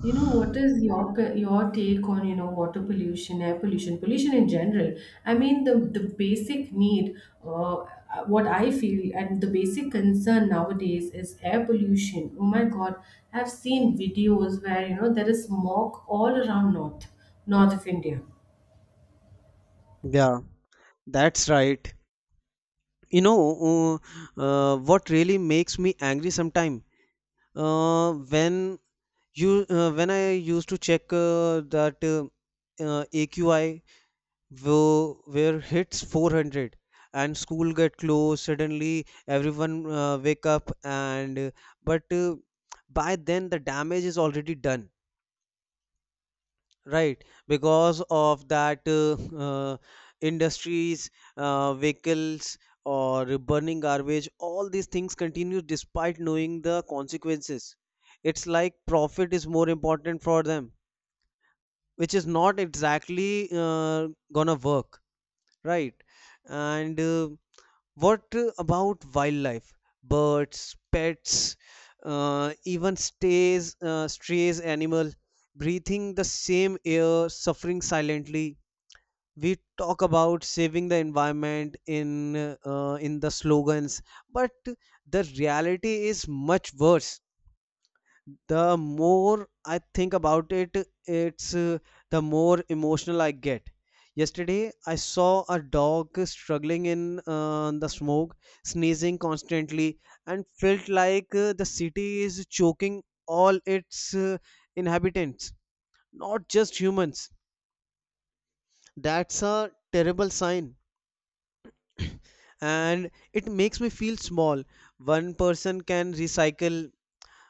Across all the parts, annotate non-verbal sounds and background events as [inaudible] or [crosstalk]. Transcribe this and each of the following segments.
What is your your take on, water pollution, air pollution, pollution in general? I mean, the basic need, uh, what I feel, and the basic concern nowadays is air pollution. Oh my God, I've seen videos where, you know, there is smog all around north of India. Yeah, that's right. You know, what really makes me angry sometime when you when I used to check that AQI where hits 400 and school get closed suddenly everyone wake up and but by then the damage is already done. Right, because of that, industries, vehicles, or burning garbage, all these things continue despite knowing the consequences. It's like profit is more important for them, which is not exactly gonna work, right? And what about wildlife? Birds, pets, even strays animal breathing the same air, suffering silently. We talk about saving the environment in the slogans, but the reality is much worse. The more I think about it, it's the more emotional I get. Yesterday, I saw a dog struggling in the smoke, sneezing constantly, and felt like the city is choking all its inhabitants, not just humans. That's a terrible sign. [clears throat] And it makes me feel small. One person can recycle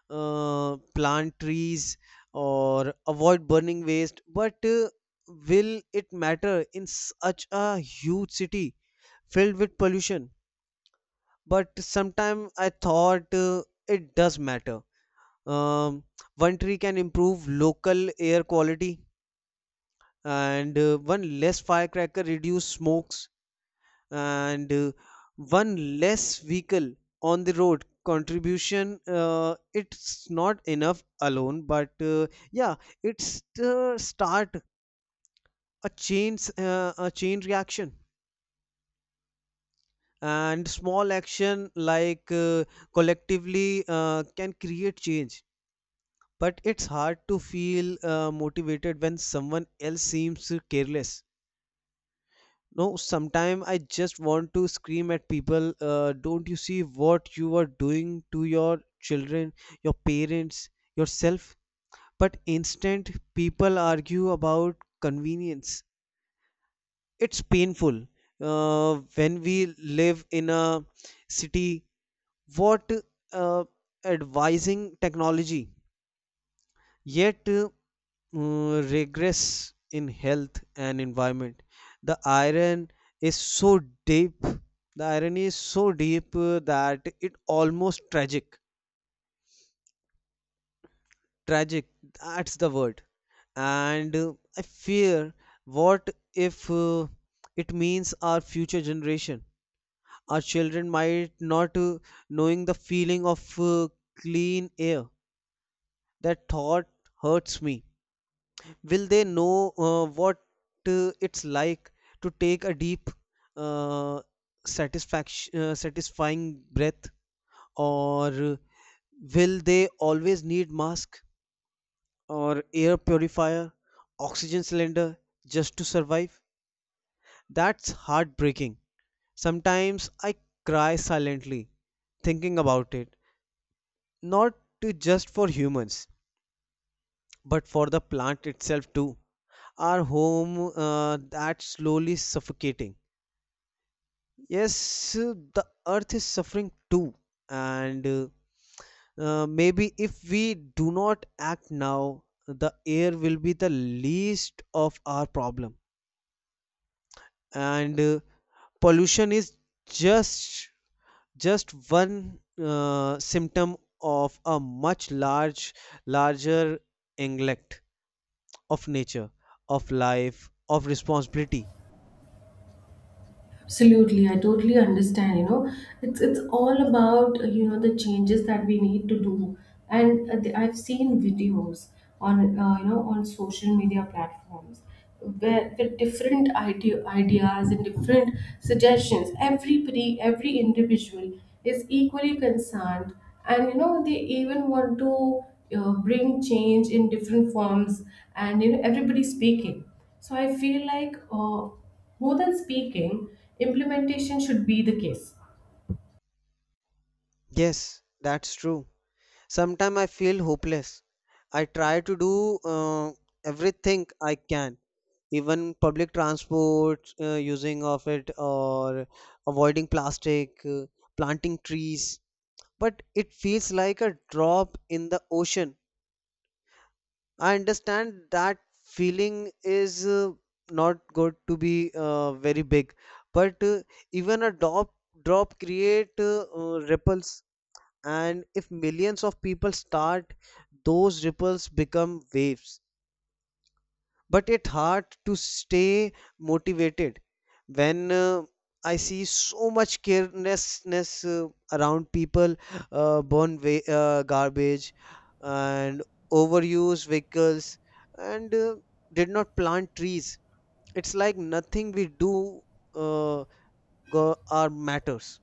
uh, plant trees, or avoid burning waste, but will it matter in such a huge city filled with pollution? But sometime I thought it does matter. um, One tree can improve local air quality, and one less firecracker reduce smokes, and one less vehicle on the road contribution. It's not enough alone, but yeah, it's the start, a chain reaction, and small action like, collectively, can create change. But it's hard to feel motivated when someone else seems careless. No, sometime I just want to scream at people. Don't you see what you are doing to your children, your parents, yourself? But instant people argue about convenience. It's painful. When we live in a city, what uh, advising technology? Yet regress in health and environment. the iron is so deep the irony is so deep that it almost tragic, that's the word. And I fear, what if it means our future generation, our children, might not knowing the feeling of clean air? That thought hurts me. Will they know what it's like to take a deep uh, satisfaction satisfying breath? Or will they always need mask, or air purifier, oxygen cylinder, just to survive? That's heartbreaking. Sometimes I cry silently thinking about it, not to just for humans but for the plant itself too, our home that's slowly suffocating. Yes, the earth is suffering too. And maybe if we do not act now, the air will be the least of our problem. And pollution is just just one symptom of a much larger neglect, of nature, of life, of responsibility. Absolutely, I totally understand. You know, it's all about you know, the changes that we need to do, and I've seen videos on you know, on social media platforms where with different ideas and different suggestions. Everybody, every individual is equally concerned, and you know, they even want to bring change in different forms, and you know, everybody speaking. So I feel like more than speaking, implementation should be the case. Yes, that's true. Sometimes I feel hopeless. I try to do everything I can, even public transport, using of it, or avoiding plastic, planting trees. But it feels like a drop in the ocean. I understand that feeling is not good to be very big, but even a drop create ripples, and if millions of people start, those ripples become waves. But it's hard to stay motivated when I see so much carelessness around people, garbage, and overuse vehicles, and did not plant trees. It's like nothing we do uh, go, are matters.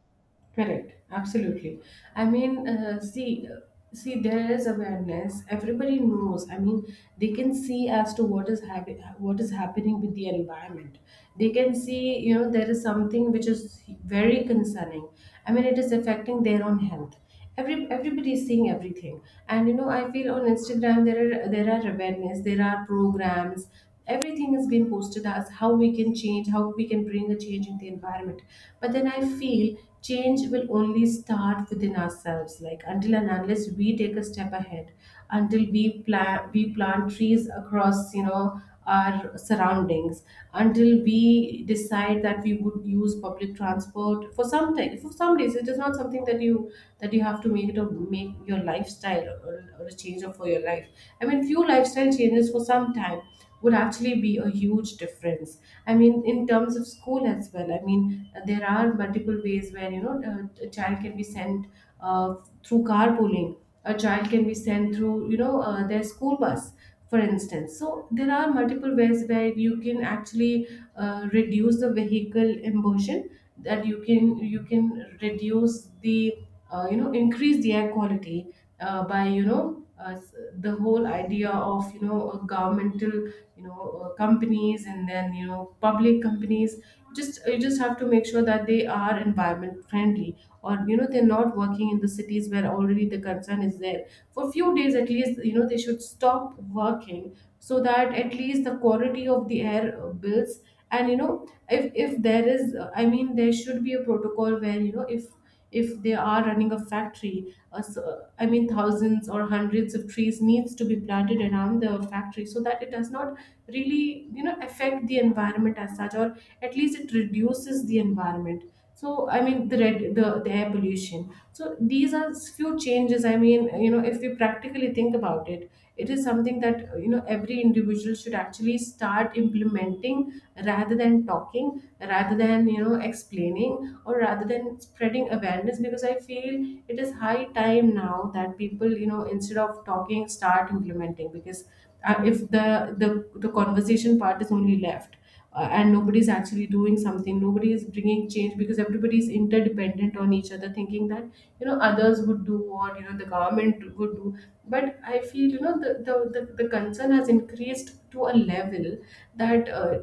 Correct. Absolutely. I mean, see, see, there is awareness. Everybody knows. I mean, they can see as to what is happening with the environment. They can see, you know, there is something which is very concerning. I mean, it is affecting their own health. Everybody is seeing everything, and you know, I feel on Instagram there are, there are awareness, there are programs. Everything is being posted as how we can change, how we can bring a change in the environment. But then I feel change will only start within ourselves. Like, until and unless we take a step ahead, until we plant trees across, you know, our surroundings, until we decide that we would use public transport for some time, for some days. It is not something that you have to make it a, make your lifestyle or a change of for your life. I mean, few lifestyle changes for some time would actually be a huge difference. I mean, in terms of school as well, I mean, there are multiple ways where, you know, a child can be sent uh, through carpooling. A child can be sent through, you know, their school bus, for instance. So there are multiple ways where you can actually reduce the vehicle emulsion, that you can, you can reduce the, you know, increase the air quality by, you know, the whole idea of, you know, governmental, you know, companies and then, you know, public companies. Just, you just have to make sure that they are environment friendly, or, you know, they're not working in the cities where already the concern is there. For few days at least, you know, they should stop working so that at least the quality of the air builds. And you know, if there is, I mean, there should be a protocol where, you know, if they are running a factory, I mean, thousands or hundreds of trees needs to be planted around the factory so that it does not really, you know, affect the environment as such, or at least it reduces the environment, so, I mean, the air pollution. So these are few changes. I mean, you know, if we practically think about it, it is something that, you know, every individual should actually start implementing, rather than talking, rather than, you know, explaining, or rather than spreading awareness. Because I feel it is high time now that people, you know, instead of talking, start implementing. Because if the conversation part is only left, and nobody's actually doing something, nobody is bringing change, because everybody is interdependent on each other, thinking that, you know, others would do, or, you know, the government would do. But I feel, you know, the concern has increased to a level that,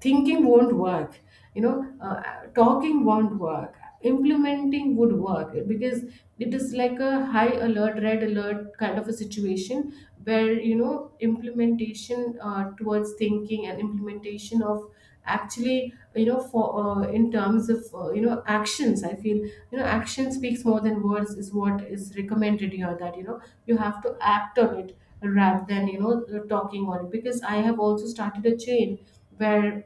thinking won't work, you know, uh, talking won't work. Implementing would work, because it is like a high alert, red alert kind of a situation, where, you know, implementation towards thinking and implementation of actually, you know, for in terms of, you know, actions, I feel, you know, action speaks more than words is what is recommended here. That, you know, you have to act on it, rather than, you know, talking on it. Because I have also started a chain where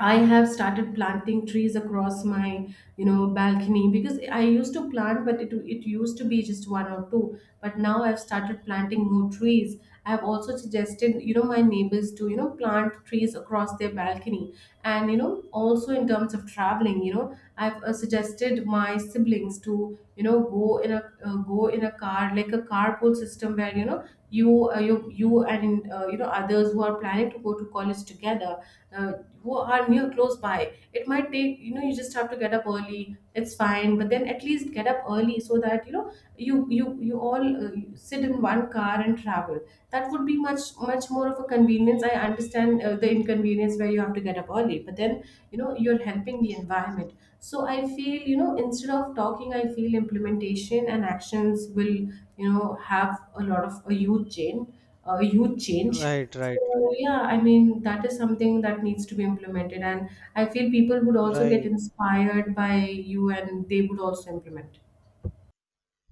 I have started planting trees across my, you know, balcony. Because I used to plant, but it used to be just one or two. But now I've started planting more trees. I have also suggested, you know, my neighbors to, you know, plant trees across their balcony. And you know, also in terms of traveling, you know, I've suggested my siblings to, you know, go in a car, like a carpool system, where, you know, you and you know, others who are planning to go to college together, uh, who are near close by. It might take, you know, you just have to get up early, it's fine, but then at least get up early so that, you know, you all sit in one car and travel. That would be much, much more of a convenience. I understand the inconvenience where you have to get up early, but then, you know, you're helping the environment. So I feel, you know, instead of talking, I feel implementation and actions will, you know, have a lot of a huge change, a huge change. Right, So right, right, yeah, I mean, that is something that needs to be implemented, and I feel people would also get right. inspired by you and they would also implement.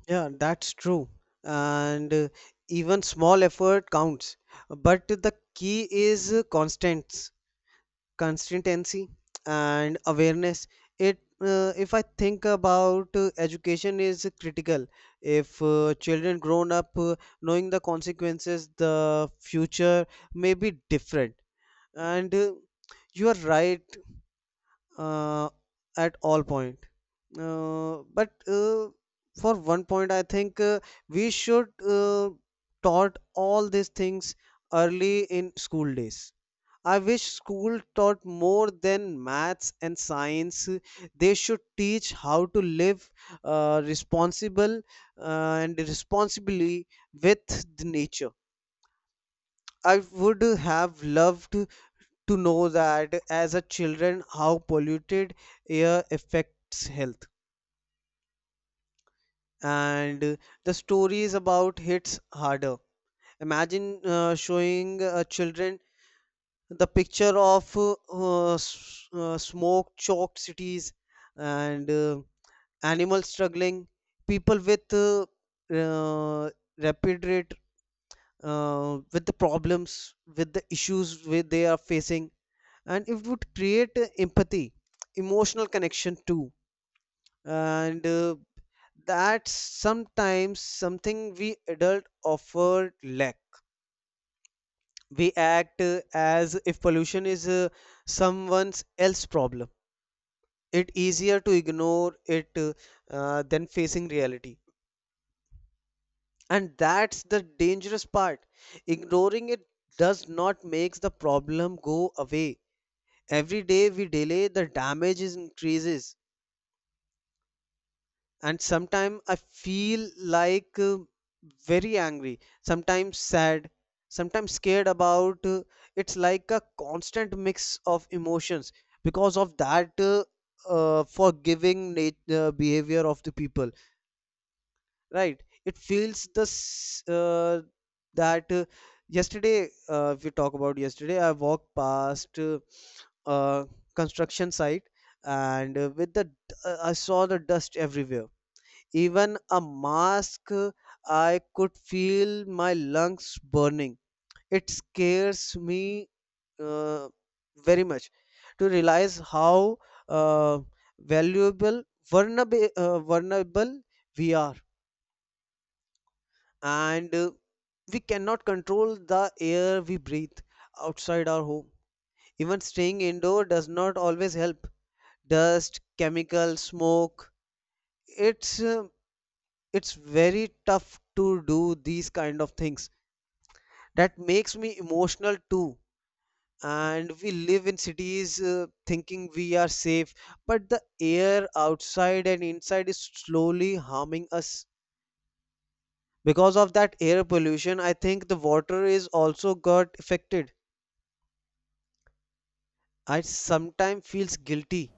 Yeah, that's true. And even small effort counts. But the key is consistency and awareness. It If I think about education is critical. If children grown up knowing the consequences, the future may be different. And you are right uh, at all point. But for one point, I think we should taught all these things early in school days. I wish school taught more than maths and science. They should teach how to live responsible and responsibly with the nature. I would have loved to know that as a children how polluted air affects health. And the story is about hits harder. Imagine showing children the picture of smoke-choked cities, and animals struggling, people with uh, rapid rate with the problems, with the issues where they are facing, and it would create empathy, emotional connection too. And that's sometimes something we adult offer lack. We act as if pollution is someone's else problem. It easier to ignore it than facing reality, and that's the dangerous part. Ignoring it does not makes the problem go away. Every day we delay, the damage is increases. And sometimes I feel like very angry, sometimes sad, sometimes scared about. It's like a constant mix of emotions because of that behavior of the people. Right, it feels this that yesterday, if we talk about yesterday, I walked past uh, construction site, and I saw the dust everywhere. Even a mask, I could feel my lungs burning. It scares me uh, very much to realize how uh, valuable vulnerable we are. And we cannot control the air we breathe outside our home. Even staying indoor does not always help. Dust, chemical, smoke, it's uh, it's very tough to do these kind of things. That makes me emotional too. And we live in cities thinking we are safe, but the air outside and inside is slowly harming us. Because of that air pollution, I think the water is also got affected. I sometimes feels guilty.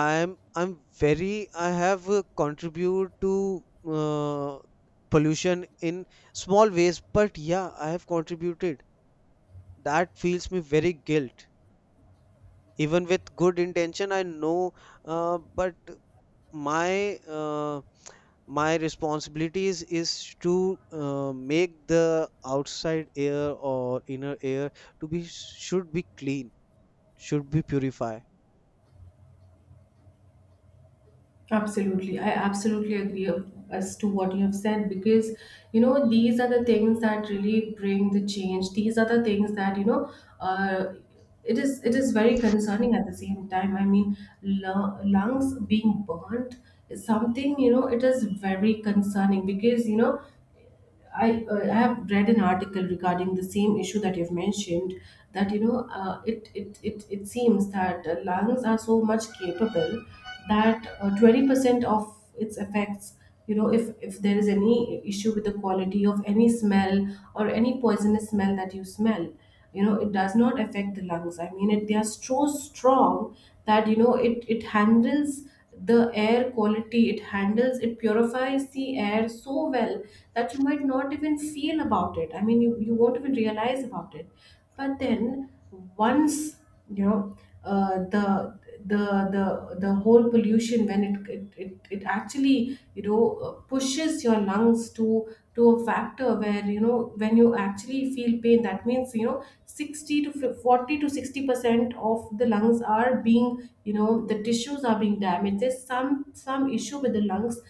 I'm very I have contribute to uh, pollution in small ways, but yeah, I have contributed. That feels me very guilt, even with good intention, I know, but my uh, my responsibilities is to make the outside air or inner air to be, should be clean, should be purified. Absolutely. I absolutely agree as to what you have said. Because, you know, these are the things that really bring the change. These are the things that, you know, uh, it is, it is very concerning at the same time. I mean, lungs being burnt is something, you know, it is very concerning. Because, you know, I have read an article regarding the same issue that you've mentioned. That you know, it seems that lungs are so much capable that 20% of its effects, you know, if there is any issue with the quality of any smell or any poisonous smell that you smell, you know, it does not affect the lungs. I mean, it, they are so strong that, you know, it handles the air quality, it handles, it purifies the air so well that you might not even feel about it. I mean, you won't even realize about it. But then, once, you know, uh, the the the whole pollution, when it actually, you know, pushes your lungs to a factor where, you know, when you actually feel pain, that means, you know, 60 to 50 40 to 60% of the lungs are being, you know, the tissues are being damaged. There's some issue with the lungs.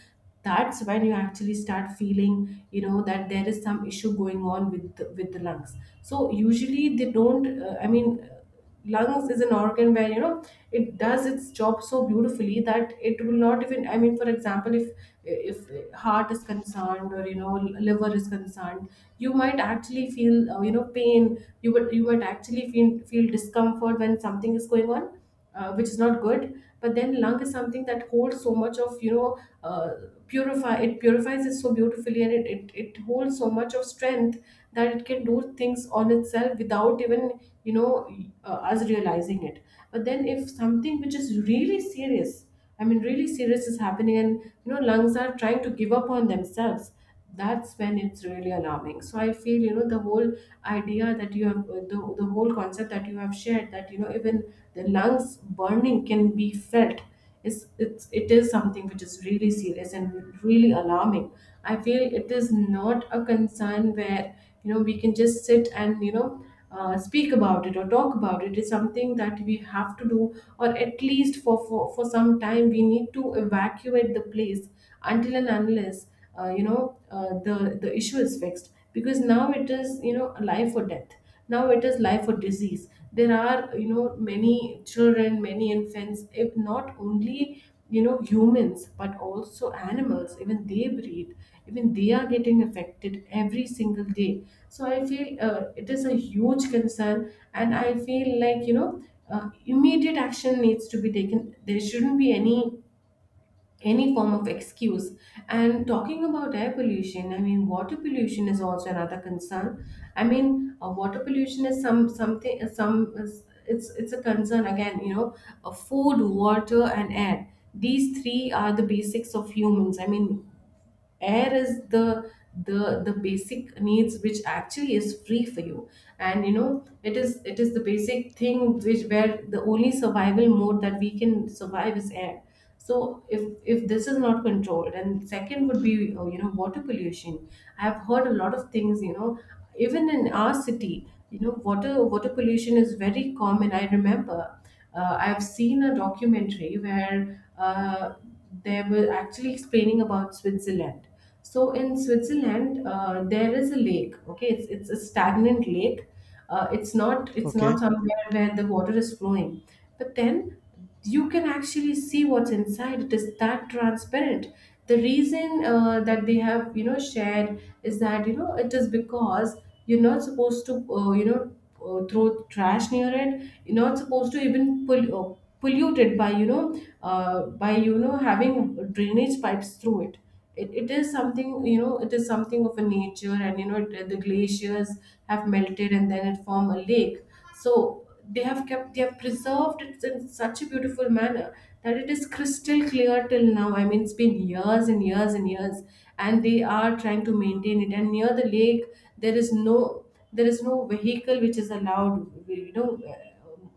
That's when you actually start feeling, you know, that there is some issue going on with the lungs. So usually they don't, lungs is an organ where, you know, it does its job so beautifully that it will not even, I mean, for example, if heart is concerned or, you know, liver is concerned, you might actually feel, you know, pain. You would actually feel discomfort when something is going on, which is not good. But then lung is something that holds so much of, you know, uh, purify it purifies it so beautifully, and it holds so much of strength that it can do things on itself without even, you know, us realizing it. But then if something which is really serious, I mean really serious, is happening, and you know, lungs are trying to give up on themselves, that's when it's really alarming. So I feel, you know, the whole idea that you have, the whole concept that you have shared, that, you know, even the lungs burning can be felt, is it's it is something which is really serious and really alarming. I feel it is not a concern where, you know, we can just sit and, you know, speak about it or talk about it. It's something that we have to do, or at least for some time we need to evacuate the place until and unless the issue is fixed, because now it is, life or death. Now it is life or disease. There are, many children, many infants, if not only, humans but also animals, even they breathe, even they are getting affected every single day. So I feel, it is a huge concern, and I feel like, immediate action needs to be taken. There shouldn't be any form of excuse. And talking about air pollution, I mean, water pollution is also another concern. I mean, water pollution is some something some is- it's a concern again. You know, food, water, and air. These three are the basics of humans. I mean, air is the basic needs, which actually is free for you, and you know it is the basic thing, which where the only survival mode that we can survive is air. So if this is not controlled, and second would be, water pollution. I have heard a lot of things, you know, even in our city, you know, water pollution is very common. I remember I've seen a documentary where they were actually explaining about Switzerland. So in Switzerland, there is a lake. Okay, it's a stagnant lake. It's not it's Okay. not somewhere where the water is flowing, but then you can actually see what's inside. It is that transparent. The reason that they have, you know, shared is that, you know, it is because you're not supposed to, throw trash near it. You're not supposed to even pull, pollute it by, you know, having drainage pipes through it. It is something, you know, it is something of a nature, and you know it, the glaciers have melted and then it form a lake. So they have kept, they have preserved it in such a beautiful manner that it is crystal clear till now. I mean, it's been years and years and years, and they are trying to maintain it. And near the lake, there is no, there is no vehicle which is allowed. You know,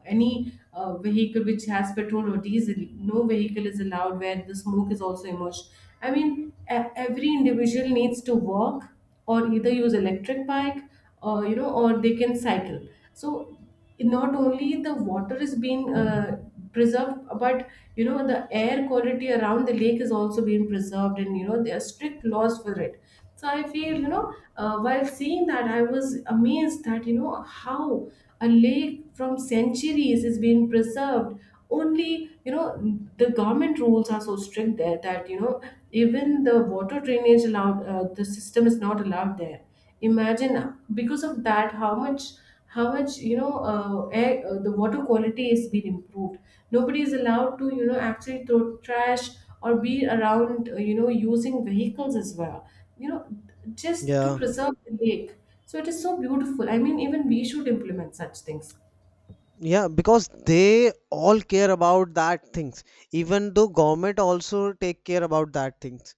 any vehicle which has petrol or diesel, no vehicle is allowed, where the smoke is also emerged. I mean, every individual needs to walk, or either use electric bike, or you know, or they can cycle. So not only the water is being preserved, but you know the air quality around the lake is also being preserved, and you know there are strict laws for it. So I feel, you know, while seeing that, I was amazed that, you know, how a lake from centuries is being preserved. Only, you know, the government rules are so strict there that, you know, even the water drainage allowed, the system is not allowed there. Imagine, because of that, how much, how much, you know, the water quality has been improved. Nobody is allowed to, you know, actually throw trash or be around, using vehicles as well, you know, just to Yeah, preserve the lake. So it is so beautiful. I mean, even we should implement such things. yeah, because they all care about that things, even though government also take care about that things.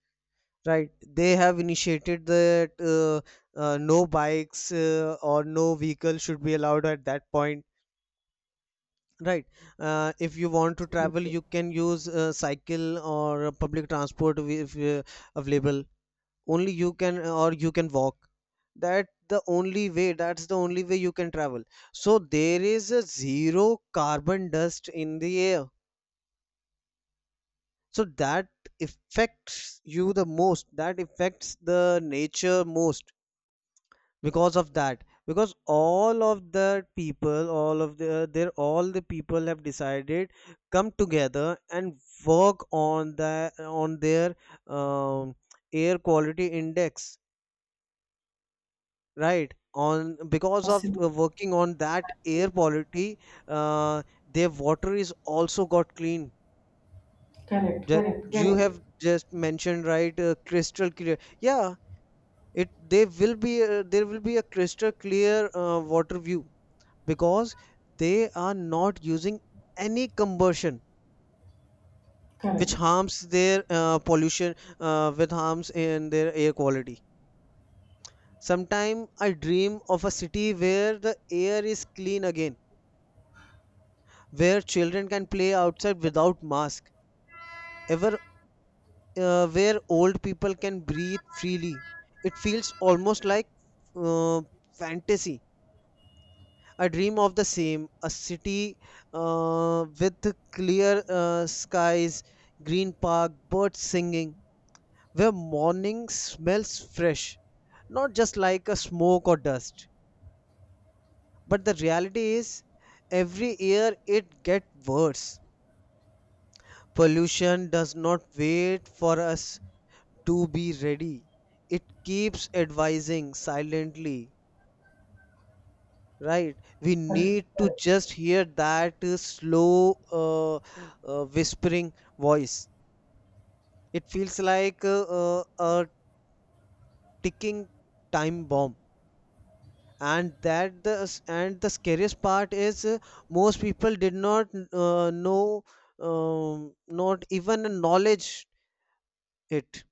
Right, they have initiated that no bikes or no vehicle should be allowed at that point. Right. If you want to travel, you can use cycle or public transport if available. Only you can, or you can walk. That the only way. That's the only way you can travel. So there is a zero carbon dust in the air. So that affects you the most. That affects the nature most. Because of that, because all of the people all of the there all the people have decided, come together and work on their um, air quality index. Right, on because of Absolutely. working on that air quality uh, their water is also got clean, Correct, that correct, you correct, have just mentioned. Right, crystal clear, yeah. It they will be uh, there will be a crystal clear water view, because they are not using any combustion which correct, harms their pollution with harms in their air quality. Sometimes I dream of a city where the air is clean again, where children can play outside without mask ever, where old people can breathe freely. It feels almost like uh, fantasy. I dream of the same a city with clear skies, green park, birds singing, where morning smells fresh, not just like a smoke or dust. But the reality is, every year it gets worse. Pollution does not wait for us to be ready, it keeps advising silently. Right. We correct, need to correct. just hear that slow whispering voice. It feels like a ticking time bomb. And that the and the scariest part is most people did not know, not even acknowledge it.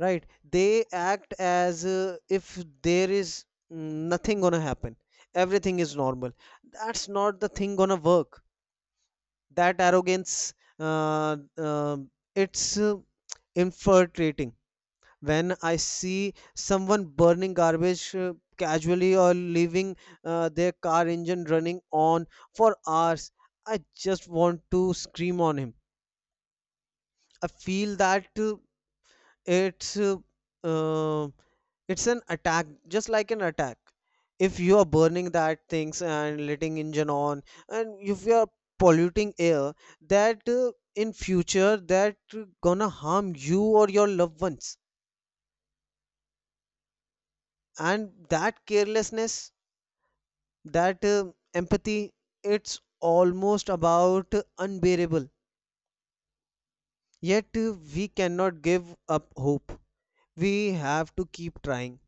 Right? They act as if there is mm, nothing gonna happen. Everything is normal. That's not the thing gonna work. That arrogance, it's infiltrating. When I see someone burning garbage casually, or leaving their car engine running on for hours, I just want to scream on him. I feel that it's uh, uh, it's an attack, just like an attack. If you are burning that things and letting engine on, and if you are polluting air, that in future that gonna harm you or your loved ones. And that carelessness, that empathy, it's almost about unbearable. Yet we cannot give up hope. We have to keep trying,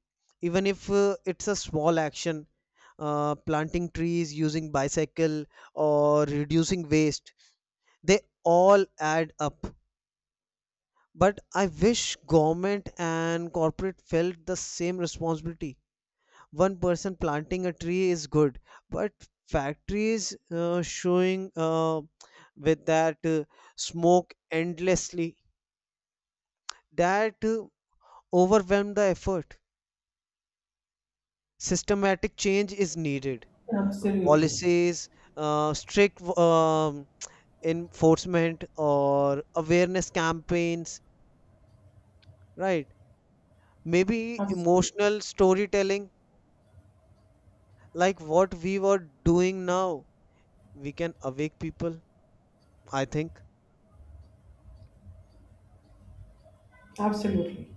even if it's a small action, planting trees, using bicycle, or reducing waste, they all add up. But I wish government and corporate felt the same responsibility. One person planting a tree is good, but factories showing with that smoke endlessly that overwhelm the effort. Systematic change is needed. Absolutely. Policies, strict enforcement or awareness campaigns, right? Maybe Absolutely. emotional storytelling, like what we were doing now. We can awake people, I think. Absolutely.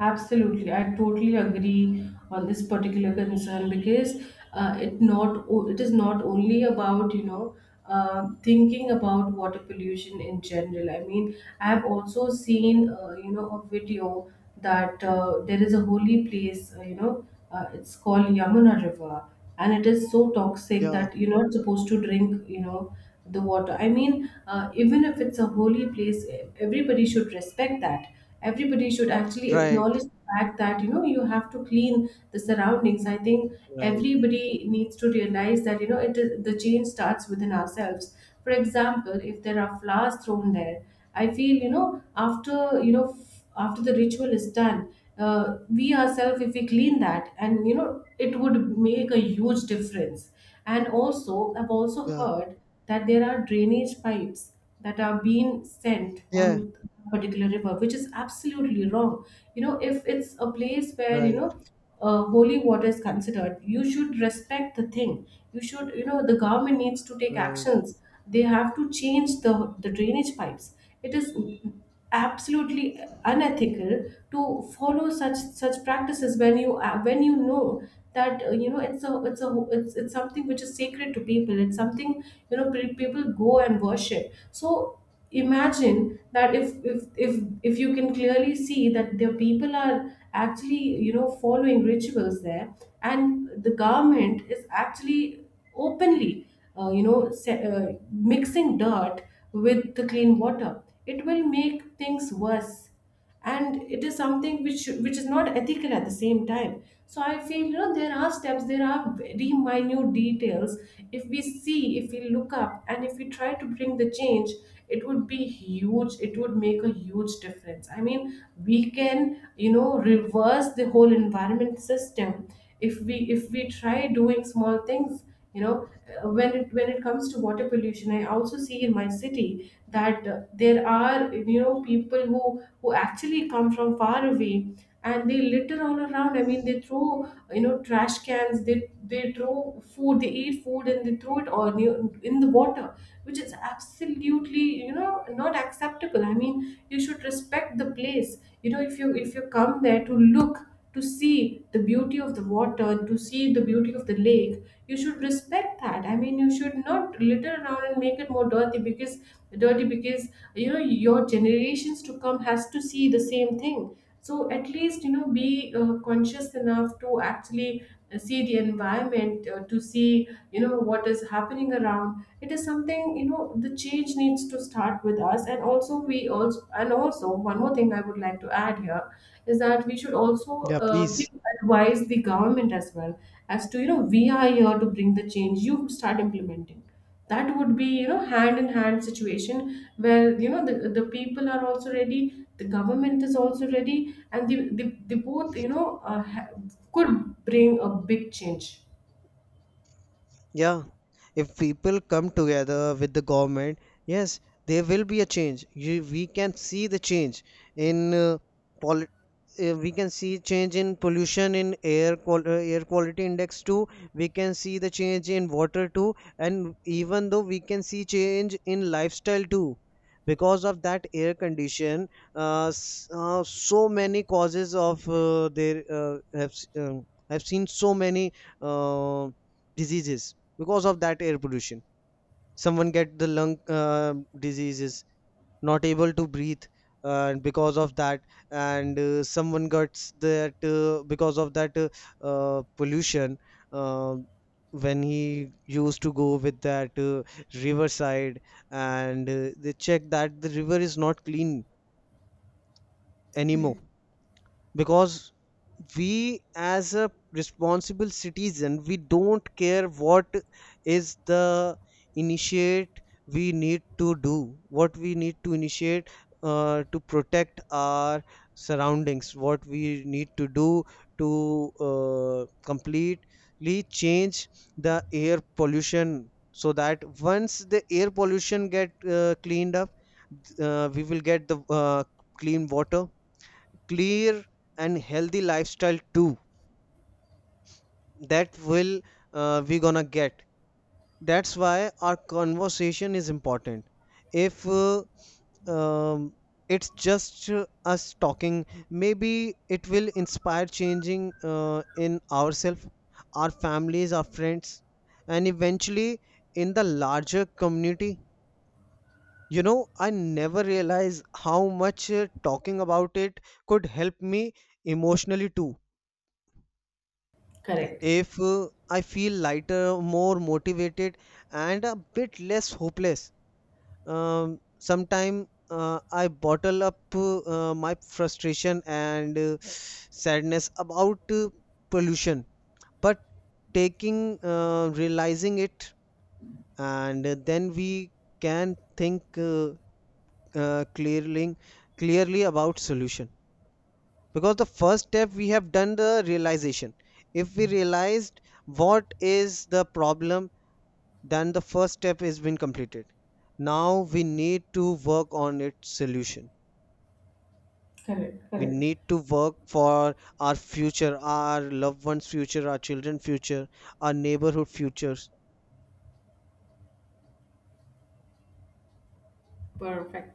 Absolutely, I totally agree on this particular concern, because it not it is not only about, you know, thinking about water pollution in general. I mean, I have also seen, you know, a video that, there is a holy place, you know, it's called Yamuna River, and it is so toxic Yeah. that you're not supposed to drink, you know, the water. I mean, even if it's a holy place, e, everybody should respect that. Everybody should actually acknowledge Right. the fact that, you know, you have to clean the surroundings. I think Right. everybody needs to realize that, you know, it is, the change starts within ourselves. For example, if there are flowers thrown there, I feel, you know, after, you know, after the ritual is done, we ourselves, if we clean that, and you know, it would make a huge difference. And also I've also Yeah. heard that there are drainage pipes that are being sent Yeah. on a particular river, which is absolutely wrong. You know, if it's a place where, you Right, know, holy water is considered, you should respect the thing. You should, you know, the government needs to take right. actions. They have to change the drainage pipes. It is absolutely unethical to follow such, such practices when you, when you know that, you know, it's something which is sacred to people. It's something, you know, people go and worship. So imagine that, if if you can clearly see that the people are actually, you know, following rituals there, and the government is actually openly, mixing dirt with the clean water, it will make things worse. And it is something which is not ethical at the same time. So I feel, you know, there are steps, there are very minute details, if we see, if we look up and if we try to bring the change, it would be huge. It would make a huge difference. I mean, we can, you know, reverse the whole environment system if we try doing small things. You know, when it comes to water pollution, I also see in my city that, there are, you know, people who actually come from far away, and they litter all around. I mean, they throw, you know, trash cans, they throw food, they eat food and they throw it all near, in the water, which is absolutely, you know, not acceptable. I mean, you should respect the place. You know, if you come there to look, to see the beauty of the water, to see the beauty of the lake. You should respect that. I mean, you should not litter around and make it more dirty, because dirty because you know your generations to come has to see the same thing. So at least, you know, be conscious enough to actually see the environment, to see, you know, what is happening around. It is something, you know, the change needs to start with us. And also we also, and also one more thing I would like to add here, is that we should also Yeah, please. give advice the government as well, as to, you know, we are here to bring the change, you start implementing. That would be, you know, hand in hand situation, where, you know, the people are also ready, the government is also ready, and the both, you know, could bring a big change. Yeah. If people come together with the government, yes, there will be a change. We can see the change in politics. Uh, we can see change in pollution in air quality index too. We can see the change in water too, and even though we can see change in lifestyle too, because of that air condition, so many causes of have s- um have seen so many uh, diseases because of that air pollution. Someone get the lung diseases, not able to breathe because of that. And someone gets that because of that pollution, uh, when he used to go with that riverside, and they check that the river is not clean anymore. Correct, Because we as a responsible citizen, we don't care what is the initiate. We need to do what we need to initiate to protect our surroundings, what we need to do to completely change the air pollution, so that once the air pollution get cleaned up, we will get the clean water, clear, and healthy lifestyle too. That will We gonna get. That's why our conversation is important. If um, it's just us talking. Maybe it will inspire changing in ourselves, our families, our friends, and eventually in the larger community. You know, I never realized how much talking about it could help me emotionally too. correct, If I feel lighter, more motivated, and a bit less hopeless. Sometime I bottle up my frustration and sadness about pollution, but taking realizing it, and then we can think uh, clearly clearly about solution. Because the first step we have done, the realization. If we realized what is the problem, then the first step is been completed. Now we need to work on its solution. correct. We Correct. need to work for our future, our loved ones future, our children future, our neighborhood futures. Perfect.